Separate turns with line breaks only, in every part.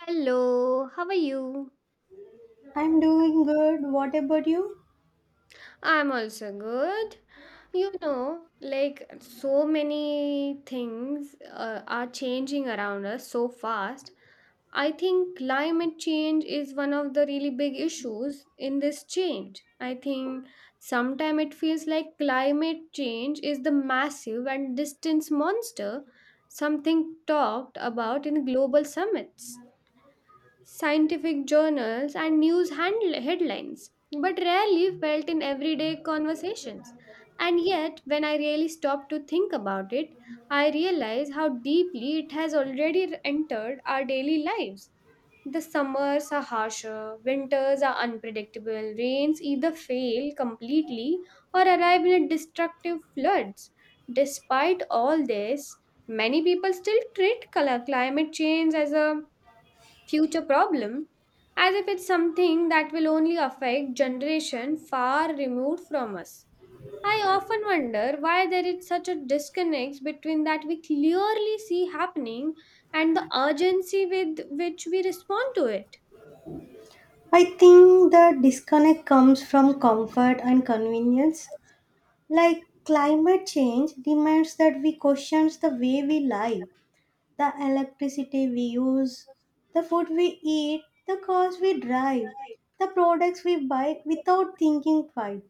Hello, how are you?
I'm doing good. What about you?
I'm also good. Like so many things are changing around us so fast. I think climate change is one of the really big issues in this change. I think sometimes it feels like climate change is the massive and distant monster, something talked about in global summits, scientific journals, and headlines, but rarely felt in everyday conversations. And yet, when I really stop to think about it, I realize how deeply it has already entered our daily lives. The summers are harsher, winters are unpredictable, rains either fail completely or arrive in a destructive floods. Despite all this, many people still treat climate change as a future problem, as if it's something that will only affect generation far removed from us. I often wonder why there is such a disconnect between that we clearly see happening and the urgency with which we respond to it.
I think the disconnect comes from comfort and convenience. Like climate change demands that we question the way we live, the electricity we use, the food we eat, the cars we drive, the products we buy without thinking twice.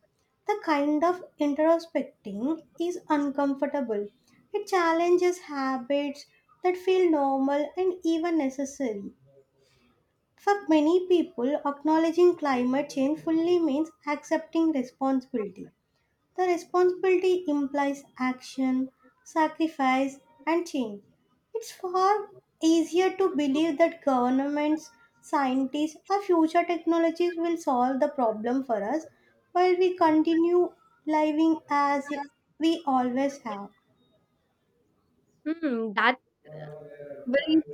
The kind of introspecting is uncomfortable. It challenges habits that feel normal and even necessary. For many people, acknowledging climate change fully means accepting responsibility. The responsibility implies action, sacrifice, and change. It's far easier to believe that governments, scientists, or future technologies will solve the problem for us while we continue living as we always have.
Hmm, that's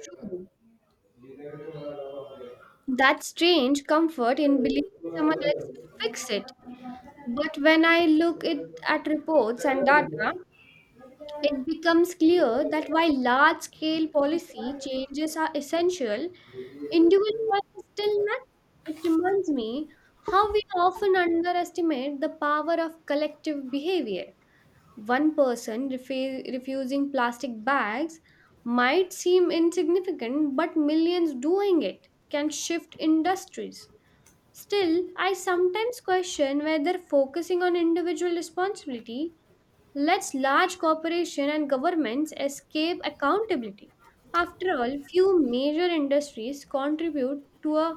true. That strange comfort in believing someone else will fix it. But when I look it at reports and data, it becomes clear that while large scale policy changes are essential, individual choice is still not. It reminds me how we often underestimate the power of collective behavior. One person refusing plastic bags might seem insignificant, but millions doing it can shift industries. Still, I sometimes question whether focusing on individual responsibility lets large corporations and governments escape accountability. After all, few major industries contribute to a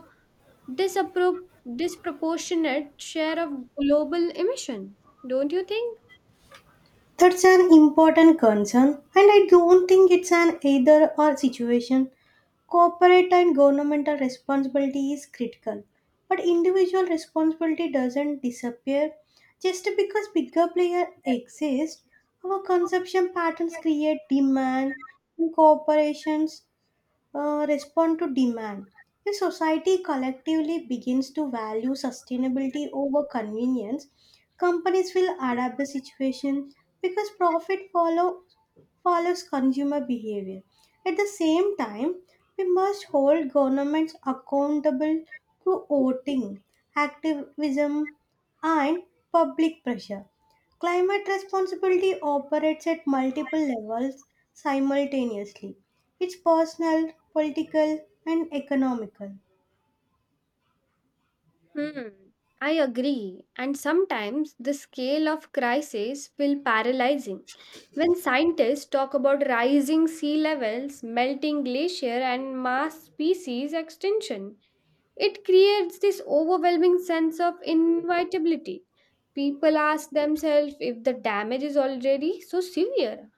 disappro- disproportionate share of global emission, don't you think?
That's an important concern, and I don't think it's an either or situation. Corporate and governmental responsibility is critical, but individual responsibility doesn't disappear just because bigger players exist. Our consumption patterns create demand in corporations respond to demand. If society collectively begins to value sustainability over convenience, companies will adapt the situation because profit follows consumer behavior. At the same time, we must hold governments accountable through voting, activism, and public pressure. Climate responsibility operates at multiple levels simultaneously. It's personal, political, and economical.
Hmm. I agree. And sometimes the scale of crisis will paralyzing. When scientists talk about rising sea levels, melting glacier and mass species extinction, it creates this overwhelming sense of inevitability. People ask themselves if the damage is already so severe,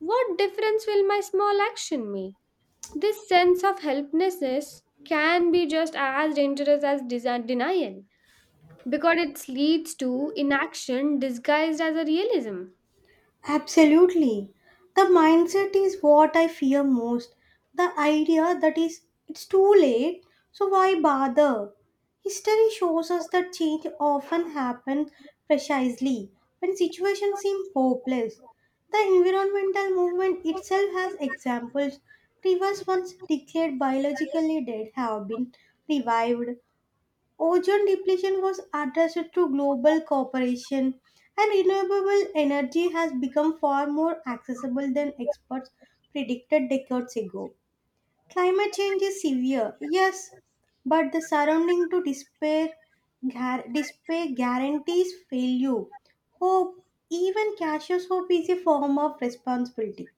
what difference will my small action make? This sense of helplessness can be just as dangerous as denial because it leads to inaction disguised as a realism.
Absolutely. The mindset is what I fear most. The idea that is it's too late, so why bother? History shows us that change often happens precisely when situations seem hopeless. The environmental movement itself has examples. Rivers once declared biologically dead have been revived. Ozone depletion was addressed through global cooperation, and renewable energy has become far more accessible than experts predicted decades ago. Climate change is severe, yes, but the surrounding to despair, despair guarantees failure. Hope, even cautious hope, is a form of responsibility.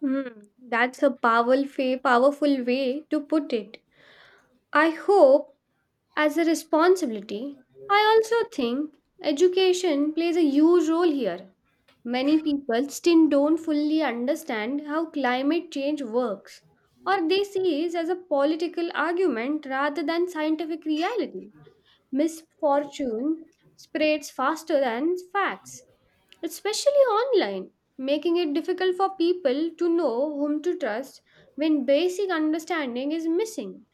Hmm, that's a powerful way to put it. I hope as a responsibility. I also think education plays a huge role here. Many people still don't fully understand how climate change works, or they see it as a political argument rather than scientific reality. Misfortune spreads faster than facts, especially online, making it difficult for people to know whom to trust. When basic understanding is missing,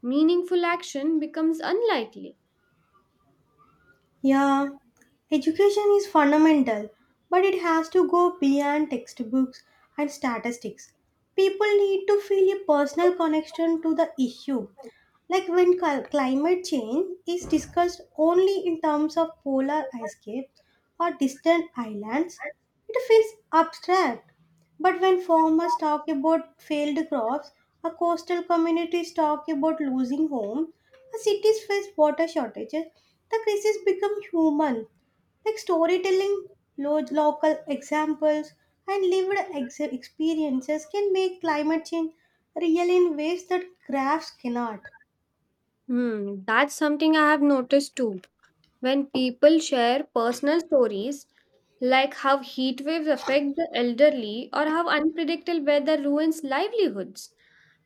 meaningful action becomes unlikely.
Yeah, education is fundamental, but it has to go beyond textbooks and statistics. People need to feel a personal connection to the issue. Like when climate change is discussed only in terms of polar ice caps or distant islands, it feels abstract. But when farmers talk about failed crops or coastal communities talk about losing homes, as cities face water shortages, the crisis become human, like storytelling, local examples, and lived experiences can make climate change real in ways that graphs cannot.
Hmm, that's something I have noticed too. When people share personal stories, like how heat waves affect the elderly or how unpredictable weather ruins livelihoods,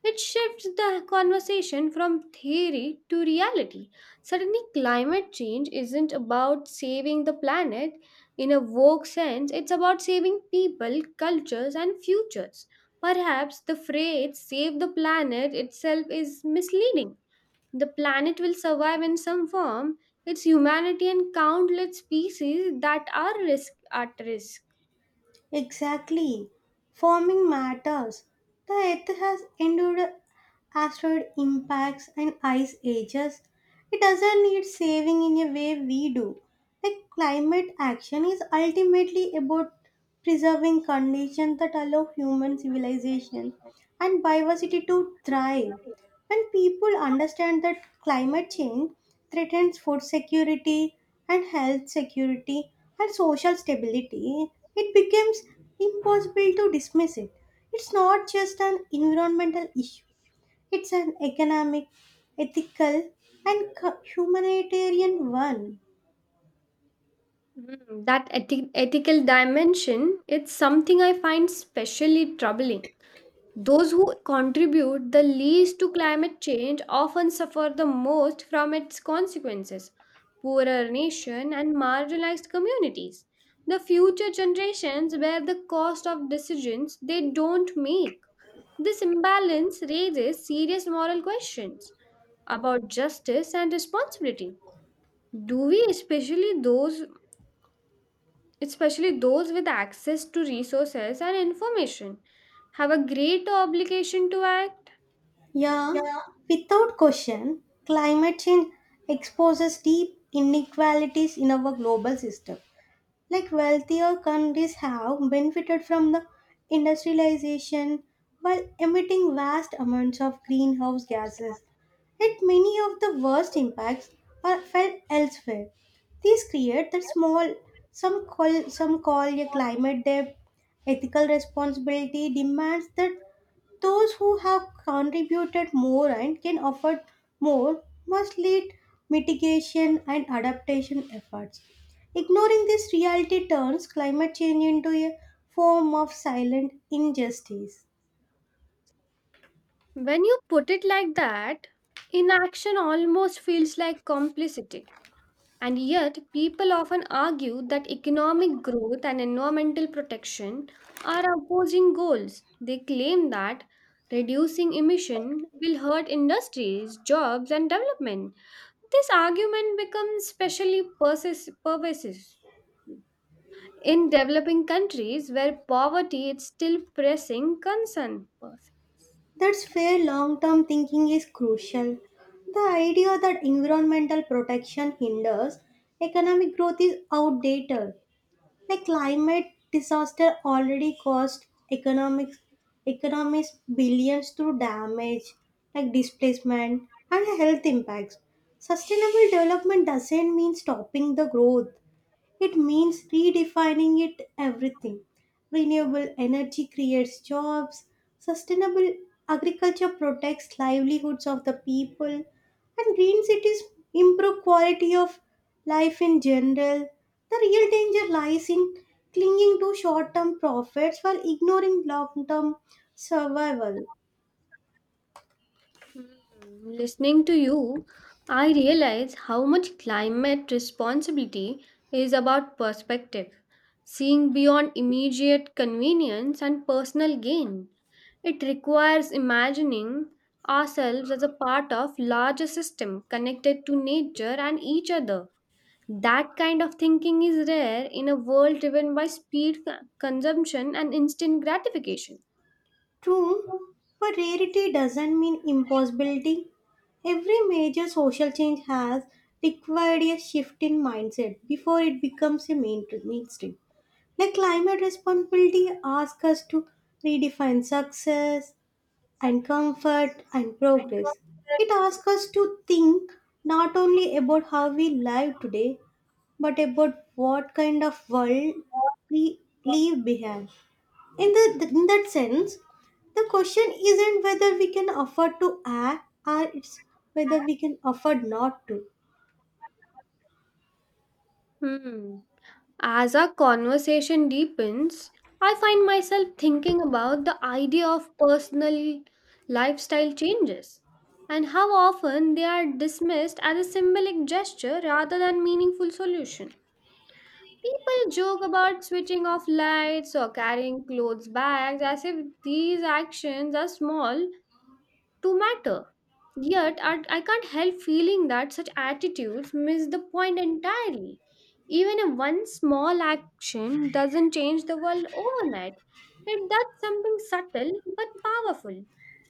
it shifts the conversation from theory to reality. Suddenly, climate change isn't about saving the planet in a woke sense, it's about saving people, cultures, and futures. Perhaps the phrase save the planet itself is misleading. The planet will survive in some form. It's humanity and countless species that are risk at risk.
Exactly. Forming matters. The Earth has endured asteroid impacts and ice ages. It doesn't need saving in a way we do. Like climate action is ultimately about preserving conditions that allow human civilization and biodiversity to thrive. When people understand that climate change threatens food security and health security and social stability, it becomes impossible to dismiss it. It's not just an environmental issue, it's an economic, ethical, and humanitarian one.
Mm, that ethical dimension, it's something I find specially troubling. Those who contribute the least to climate change often suffer the most from its consequences, poorer nation and marginalized communities. The future generations bear the cost of decisions they don't make. This imbalance raises serious moral questions about justice and responsibility. Do we especially those Especially those with access to resources and information, have a great obligation to act?
Yeah, without question, climate change exposes deep inequalities in our global system, like wealthier countries have benefited from the industrialization while emitting vast amounts of greenhouse gases, yet many of the worst impacts are felt elsewhere. These create the small, some call a climate debt. Ethical responsibility demands that those who have contributed more and can afford more must lead mitigation and adaptation efforts. Ignoring this reality turns climate change into a form of silent injustice.
When you put it like that, inaction almost feels like complicity. And yet, people often argue that economic growth and environmental protection are opposing goals. They claim that reducing emission will hurt industries, jobs, and development. This argument becomes especially pervasive in developing countries where poverty is still pressing concern.
That's where long term thinking is crucial. The idea that environmental protection hinders economic growth is outdated. Like climate disaster already cost economics economies billions through damage like displacement and health impacts. Sustainable development doesn't mean stopping the growth. It means redefining it everything. Renewable energy creates jobs, sustainable agriculture protects livelihoods of the people, and green cities improve quality of life in general. The real danger lies in clinging to short-term profits while ignoring long-term survival.
Mm, listening to you, I realize how much climate responsibility is about perspective, seeing beyond immediate convenience and personal gain. It requires imagining ourselves as a part of larger system connected to nature and each other. That kind of thinking is rare in a world driven by speed, consumption, and instant gratification.
True, but rarity doesn't mean impossibility. Every major social change has required a shift in mindset before it becomes a mainstream. Like climate responsibility asks us to redefine success and comfort and progress. It asks us to think not only about how we live today, but about what kind of world we leave behind. In that sense, the question isn't whether we can afford to act, or it's whether we can afford not to.
Hmm. As our conversation deepens, I find myself thinking about the idea of personal lifestyle changes and how often they are dismissed as a symbolic gesture rather than meaningful solution. People joke about switching off lights or carrying clothes bags as if these actions are small to matter. Yet, I can't help feeling that such attitudes miss the point entirely. Even if one small action doesn't change the world overnight, it does something subtle but powerful.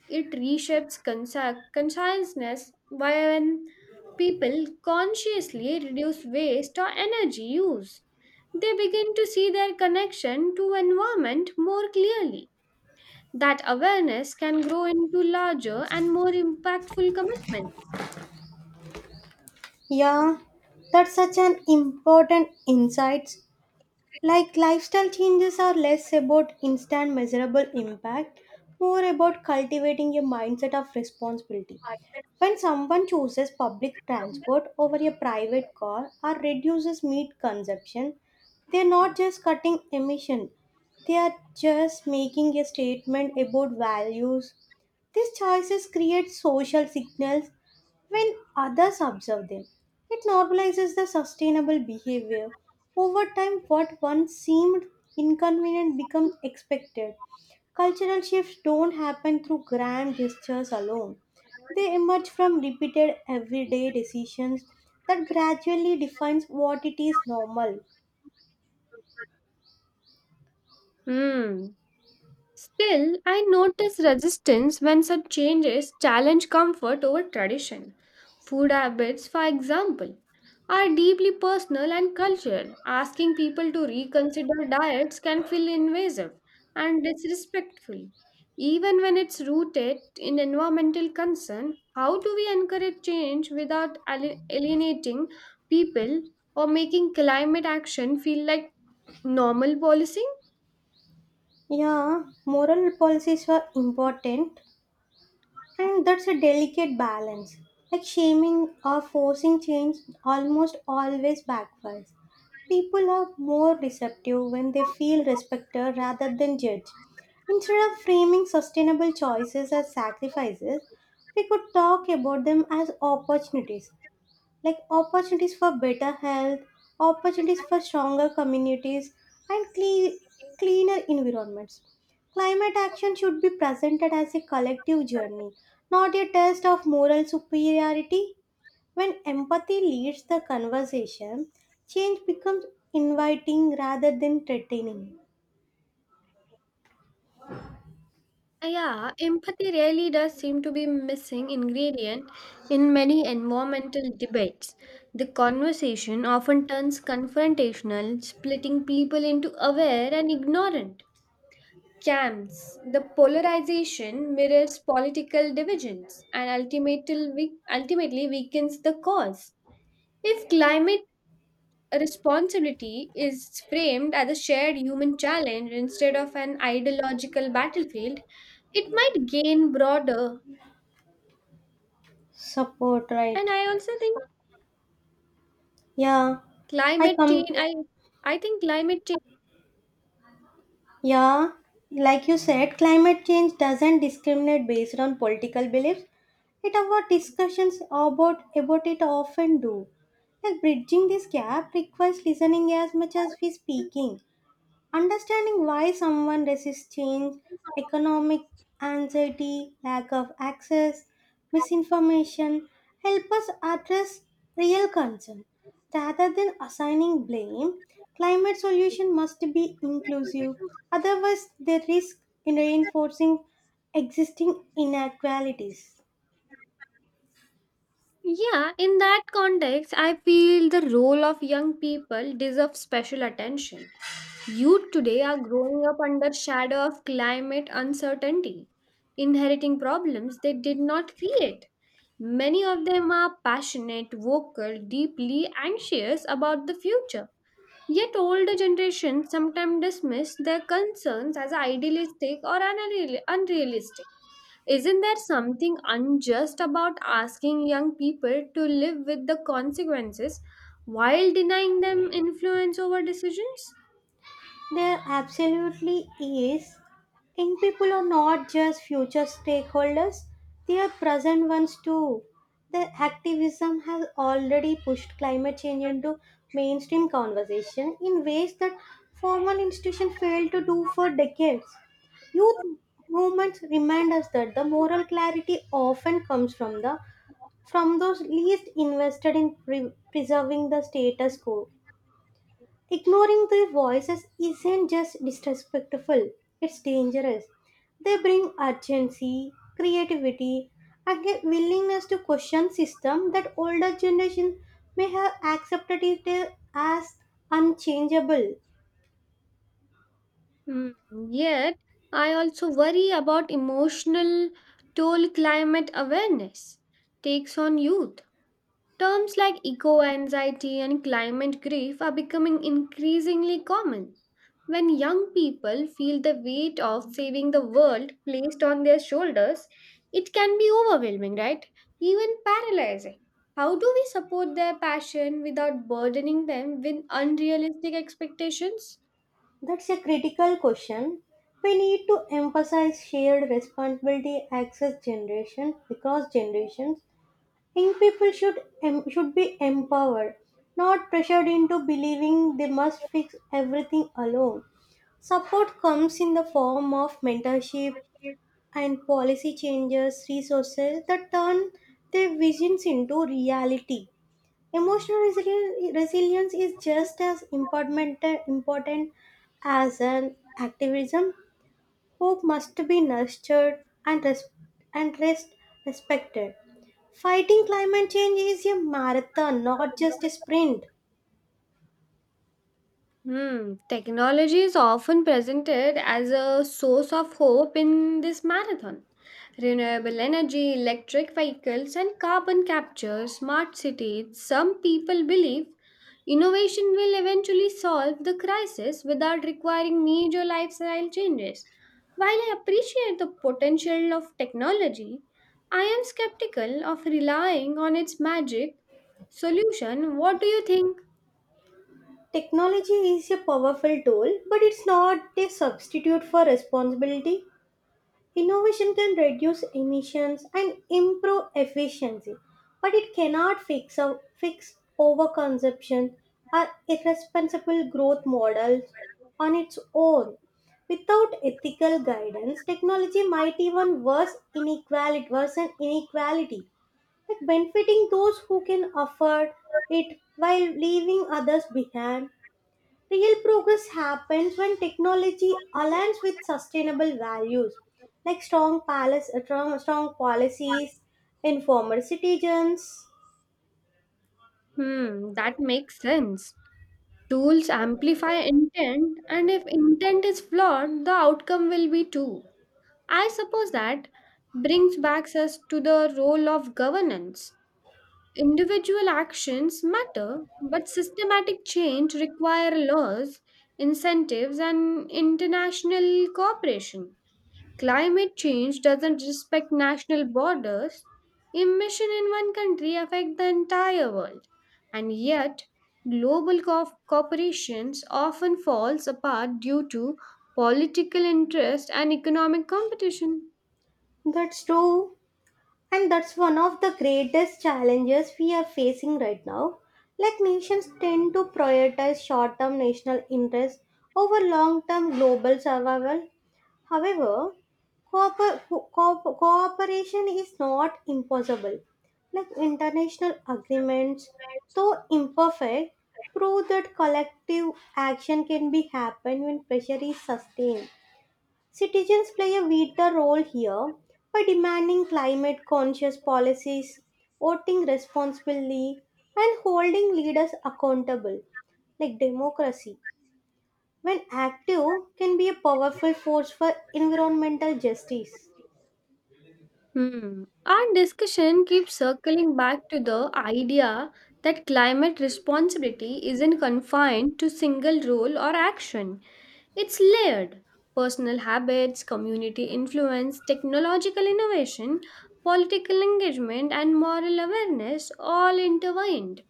It reshapes consciousness when people consciously reduce waste or energy use. They begin to see their connection to environment more clearly. That awareness can grow into larger and more impactful commitments.
Yeah, that's such an important insight. Like lifestyle changes are less about instant measurable impact, more about cultivating a mindset of responsibility. When someone chooses public transport over a private car or reduces meat consumption, they're not just cutting emission, they are just making a statement about values. These choices create social signals when others observe them, it normalizes the sustainable behavior. Over time, what once seemed inconvenient becomes expected. Cultural shifts don't happen through grand gestures alone. They emerge from repeated everyday decisions that gradually defines what it is normal.
Hmm. Still, I notice resistance when such changes challenge comfort over tradition. Food habits, for example, are deeply personal and cultural. Asking people to reconsider diets can feel invasive and disrespectful. Even when it's rooted in environmental concern, how do we encourage change without alienating people or making climate action feel like normal policy?
Yeah, moral policies were important. And that's a delicate balance. Like shaming or forcing change almost always backfires. People are more receptive when they feel respected rather than judged. Instead of framing sustainable choices as sacrifices, we could talk about them as opportunities, like opportunities for better health, opportunities for stronger communities, and cleaner environments. Climate action should be presented as a collective journey, not a test of moral superiority. When empathy leads the conversation, change becomes inviting rather than threatening.
Yeah, empathy really does seem to be missing ingredient in many environmental debates. The conversation often turns confrontational, splitting people into aware and ignorant camps. The polarization mirrors political divisions and ultimately weakens the cause. If climate a responsibility is framed as a shared human challenge instead of an ideological battlefield, it might gain broader.
Support,
And
right?
I also think
Yeah, I
climate change.
come.
I think climate change.
Yeah, like you said, climate change doesn't discriminate based on political beliefs. It our discussions about it often do. Like bridging this gap requires listening as much as we speaking. Understanding why someone resists change, economic anxiety, lack of access, misinformation, help us address real concern. Rather than assigning blame, climate solution must be inclusive. Otherwise, they risk reinforcing existing inequalities.
Yeah, in that context, I feel the role of young people deserves special attention. Youth today are growing up under shadow of climate uncertainty, inheriting problems they did not create. Many of them are passionate, vocal, deeply anxious about the future. Yet older generations sometimes dismiss their concerns as idealistic or unrealistic. Isn't there something unjust about asking young people to live with the consequences while denying them influence over decisions?
There absolutely is. Young people are not just future stakeholders, they are present ones too. Their activism has already pushed climate change into mainstream conversation in ways that formal institutions failed to do for decades. Youth movements remind us that the moral clarity often comes from the from those least invested in preserving the status quo. Ignoring their voices isn't just disrespectful, it's dangerous. They bring urgency, creativity, and a willingness to question systems that older generation may have accepted it as unchangeable.
Hmm, yet, I also worry about emotional toll climate awareness takes on youth. Terms like eco anxiety and climate grief are becoming increasingly common. When young people feel the weight of saving the world placed on their shoulders, it can be overwhelming, right? Even paralyzing. How do we support their passion without burdening them with unrealistic expectations?
That's a critical question. We need to emphasize shared responsibility across generations. Young people should be empowered, not pressured into believing they must fix everything alone. Support comes in the form of mentorship and policy changes, resources that turn their visions into reality. Emotional resilience is just as important as an activism. Hope must be nurtured and rest respected. Fighting climate change is a marathon, not just a sprint.
Hmm, technology is often presented as a source of hope in this marathon. Renewable energy, electric vehicles, and carbon capture, smart cities. Some people believe innovation will eventually solve the crisis without requiring major lifestyle changes. While I appreciate the potential of technology, I am skeptical of relying on its magic solution. What do you think?
Technology is a powerful tool, but it's not a substitute for responsibility. Innovation can reduce emissions and improve efficiency, but it cannot fix overconsumption or irresponsible growth models on its own. Without ethical guidance, technology might worsen inequality, like benefiting those who can afford it while leaving others behind. Real progress happens when technology aligns with sustainable values, like strong policies, informed citizens.
Hmm, that makes sense. Tools amplify intent, and if intent is flawed, the outcome will be too. I suppose that brings back us to the role of governance. Individual actions matter, but systematic change require laws, incentives, and international cooperation. Climate change doesn't respect national borders. Emission in one country affect the entire world. And yet, global corporations often falls apart due to political interest and economic competition.
That's true. And that's one of the greatest challenges we are facing right now. Like nations tend to prioritize short term national interests over long term global survival. However, cooperation is not impossible. Like international agreements, though imperfect, prove that collective action can be happen when pressure is sustained. Citizens play a vital role here by demanding climate conscious policies, voting responsibly, and holding leaders accountable, like democracy, when active, can be a powerful force for environmental justice.
Hmm. Our discussion keeps circling back to the idea that climate responsibility isn't confined to single role or action. It's layered, personal habits, community influence, technological innovation, political engagement, and moral awareness all intertwined.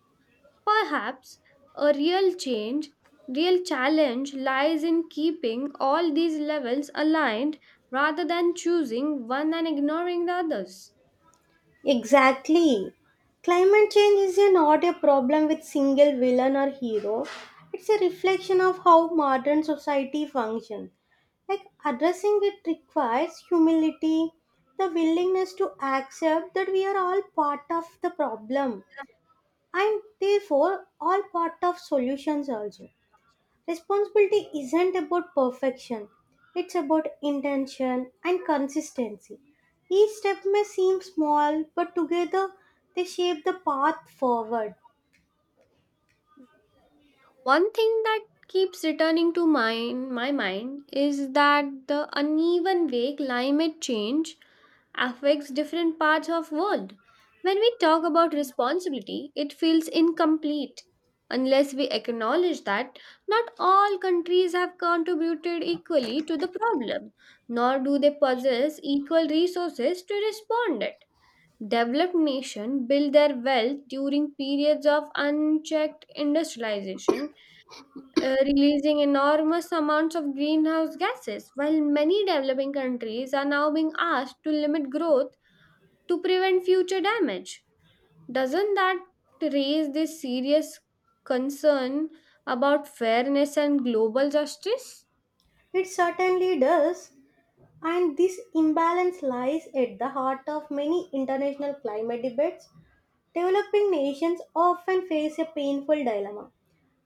Perhaps a real change, real challenge lies in keeping all these levels aligned rather than choosing one and ignoring the others.
Exactly. Climate change is not a problem with single villain or hero. It's a reflection of how modern society functions. Like addressing it requires humility, the willingness to accept that we are all part of the problem and therefore all part of solutions also. Responsibility isn't about perfection, it's about intention and consistency. Each step may seem small, but together they shape the path forward.
One thing that keeps returning to mind, my mind is that the uneven way climate change affects different parts of world. When we talk about responsibility, it feels incomplete unless we acknowledge that not all countries have contributed equally to the problem, nor do they possess equal resources to respond it. Developed nations build their wealth during periods of unchecked industrialization, releasing enormous amounts of greenhouse gases, while many developing countries are now being asked to limit growth to prevent future damage. Doesn't that raise this serious concern about fairness and global justice?
It certainly does, and this imbalance lies at the heart of many international climate debates. Developing nations often face a painful dilemma.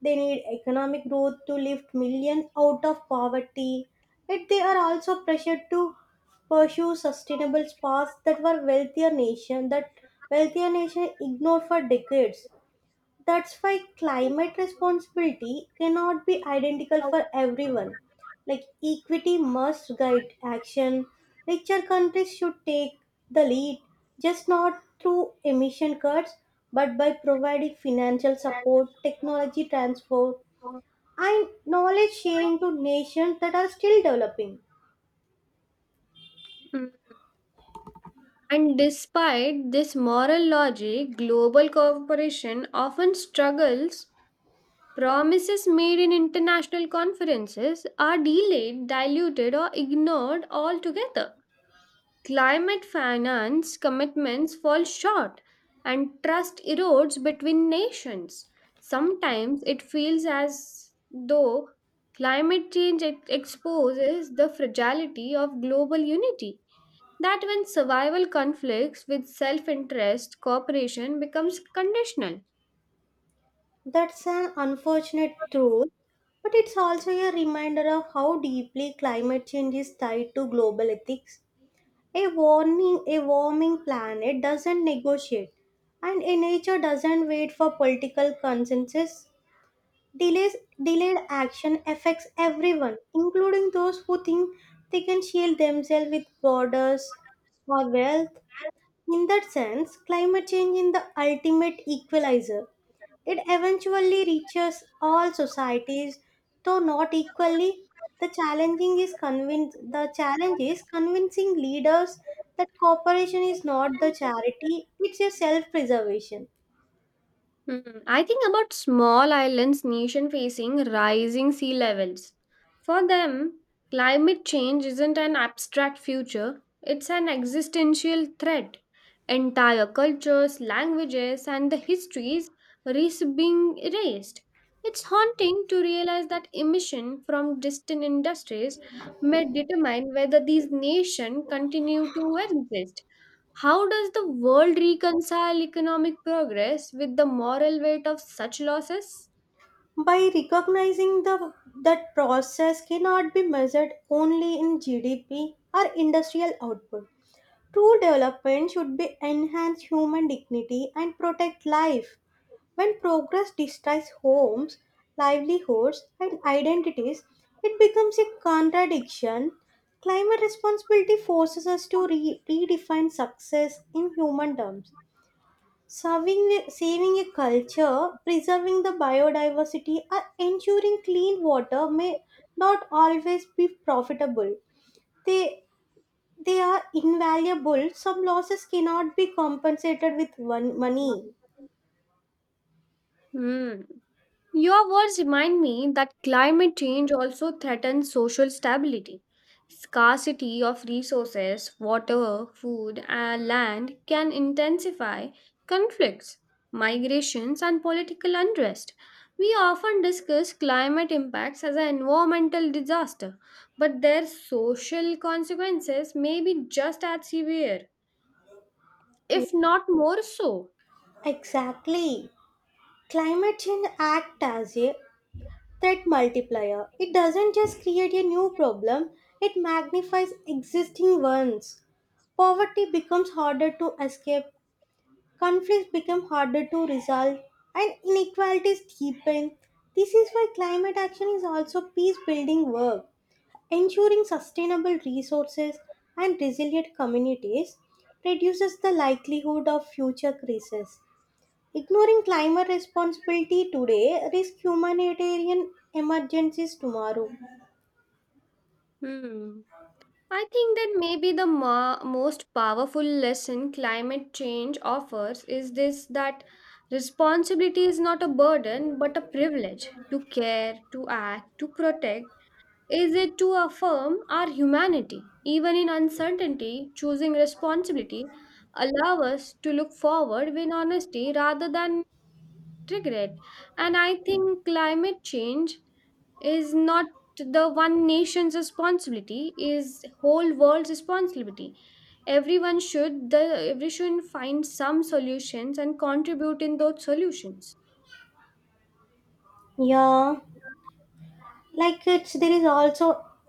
They need economic growth to lift millions out of poverty, yet they are also pressured to pursue sustainable paths that were wealthier nation that wealthier nation ignored for decades. That's why climate responsibility cannot be identical for everyone. Like equity must guide action. Richer countries should take the lead, just not through emission cuts, but by providing financial support, technology transfer, and knowledge sharing to nations that are still developing.
Mm. And despite this moral logic, global cooperation often struggles. Promises made in international conferences are delayed, diluted, or ignored altogether. Climate finance commitments fall short and trust erodes between nations. Sometimes it feels as though climate change exposes the fragility of global unity, that when survival conflicts with self interest, cooperation becomes conditional.
That's an unfortunate truth, but it's also a reminder of how deeply climate change is tied to global ethics. A warming planet doesn't negotiate, and a nature doesn't wait for political consensus. Delays, delayed action affects everyone, including those who think they can shield themselves with borders or wealth. In that sense, climate change is the ultimate equalizer. It eventually reaches all societies, though not equally. The challenging is convince the challenge is convincing leaders that cooperation is not the charity, it's a self-preservation.
Hmm, I think about small islands nation facing rising sea levels. For them, climate change isn't an abstract future, it's an existential threat. Entire cultures, languages, and the histories risk being erased. It's haunting to realize that emission from distant industries may determine whether these nations continue to exist. How does the world reconcile economic progress with the moral weight of such losses?
By recognizing the that process cannot be measured only in GDP or industrial output. True development should be enhance human dignity and protect life. When progress destroys homes, livelihoods, and identities, it becomes a contradiction. Climate responsibility forces us to redefine success in human terms. Saving a culture, preserving the biodiversity, or ensuring clean water may not always be profitable. They, they are invaluable. Some losses cannot be compensated with one money.
Hmm. Your words remind me that climate change also threatens social stability. Scarcity of resources, water, food, and land can intensify conflicts, migrations, and political unrest. We often discuss climate impacts as an environmental disaster, but their social consequences may be just as severe,
Yeah,
if not more so.
exactly. Climate change acts as a threat multiplier. It doesn't just create a new problem, it magnifies existing ones. Poverty becomes harder to escape, conflicts become harder to resolve, and inequalities deepen. This is why climate action is also peace building work, ensuring sustainable resources and resilient communities reduces the likelihood of future crises. Ignoring climate responsibility today risks humanitarian emergencies tomorrow.
Hmm. I think that maybe the most powerful lesson climate change offers is this, that responsibility is not a burden but a privilege to care, to act, to protect. Is it to affirm our humanity? Even in uncertainty, choosing responsibility allow us to look forward with honesty rather than regret. And I think climate change is not the one nation's responsibility, is whole world's responsibility. everyone should the Everyone should find some solutions and contribute in those solutions.
Yeah, like it's there is also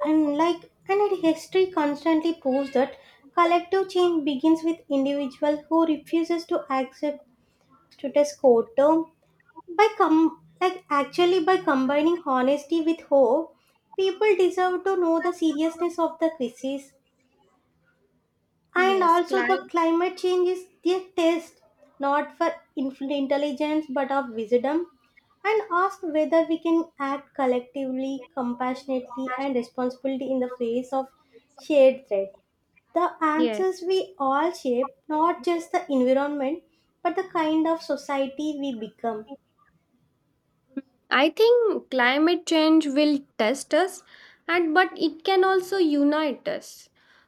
and like and it- history constantly proves that collective change begins with individual who refuses to accept status quo. Term. By combining honesty with hope, people deserve to know the seriousness of the crisis. And
Yes,
also, the
climate.
climate change is the test not for infinite intelligence but of wisdom. And ask whether we can act collectively, compassionately, and responsibly in the face of shared threat. The
Yeah,
answers we all shape, not just the environment, but the kind of society we become.
I think climate change will test us, and but it can also unite us.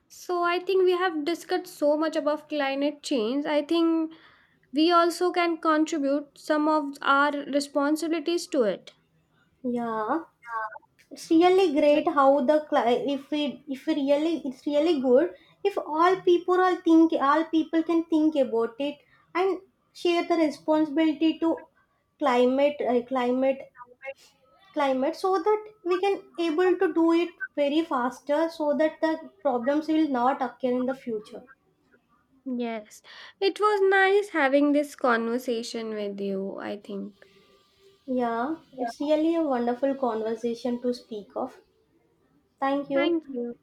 So I think we have discussed so much about climate change. I think we also can contribute some of our responsibilities to it.
Yeah. It's really great how the cli- if we really, it's really good if all people all think all people can think about it and share the responsibility to climate uh, climate climate, so that we can able to do it very faster, so that the problems will not occur in the future.
Yes. It was nice having this conversation with you, I think.
Yeah, it's really a wonderful conversation to speak of. Thank you.
Thank you.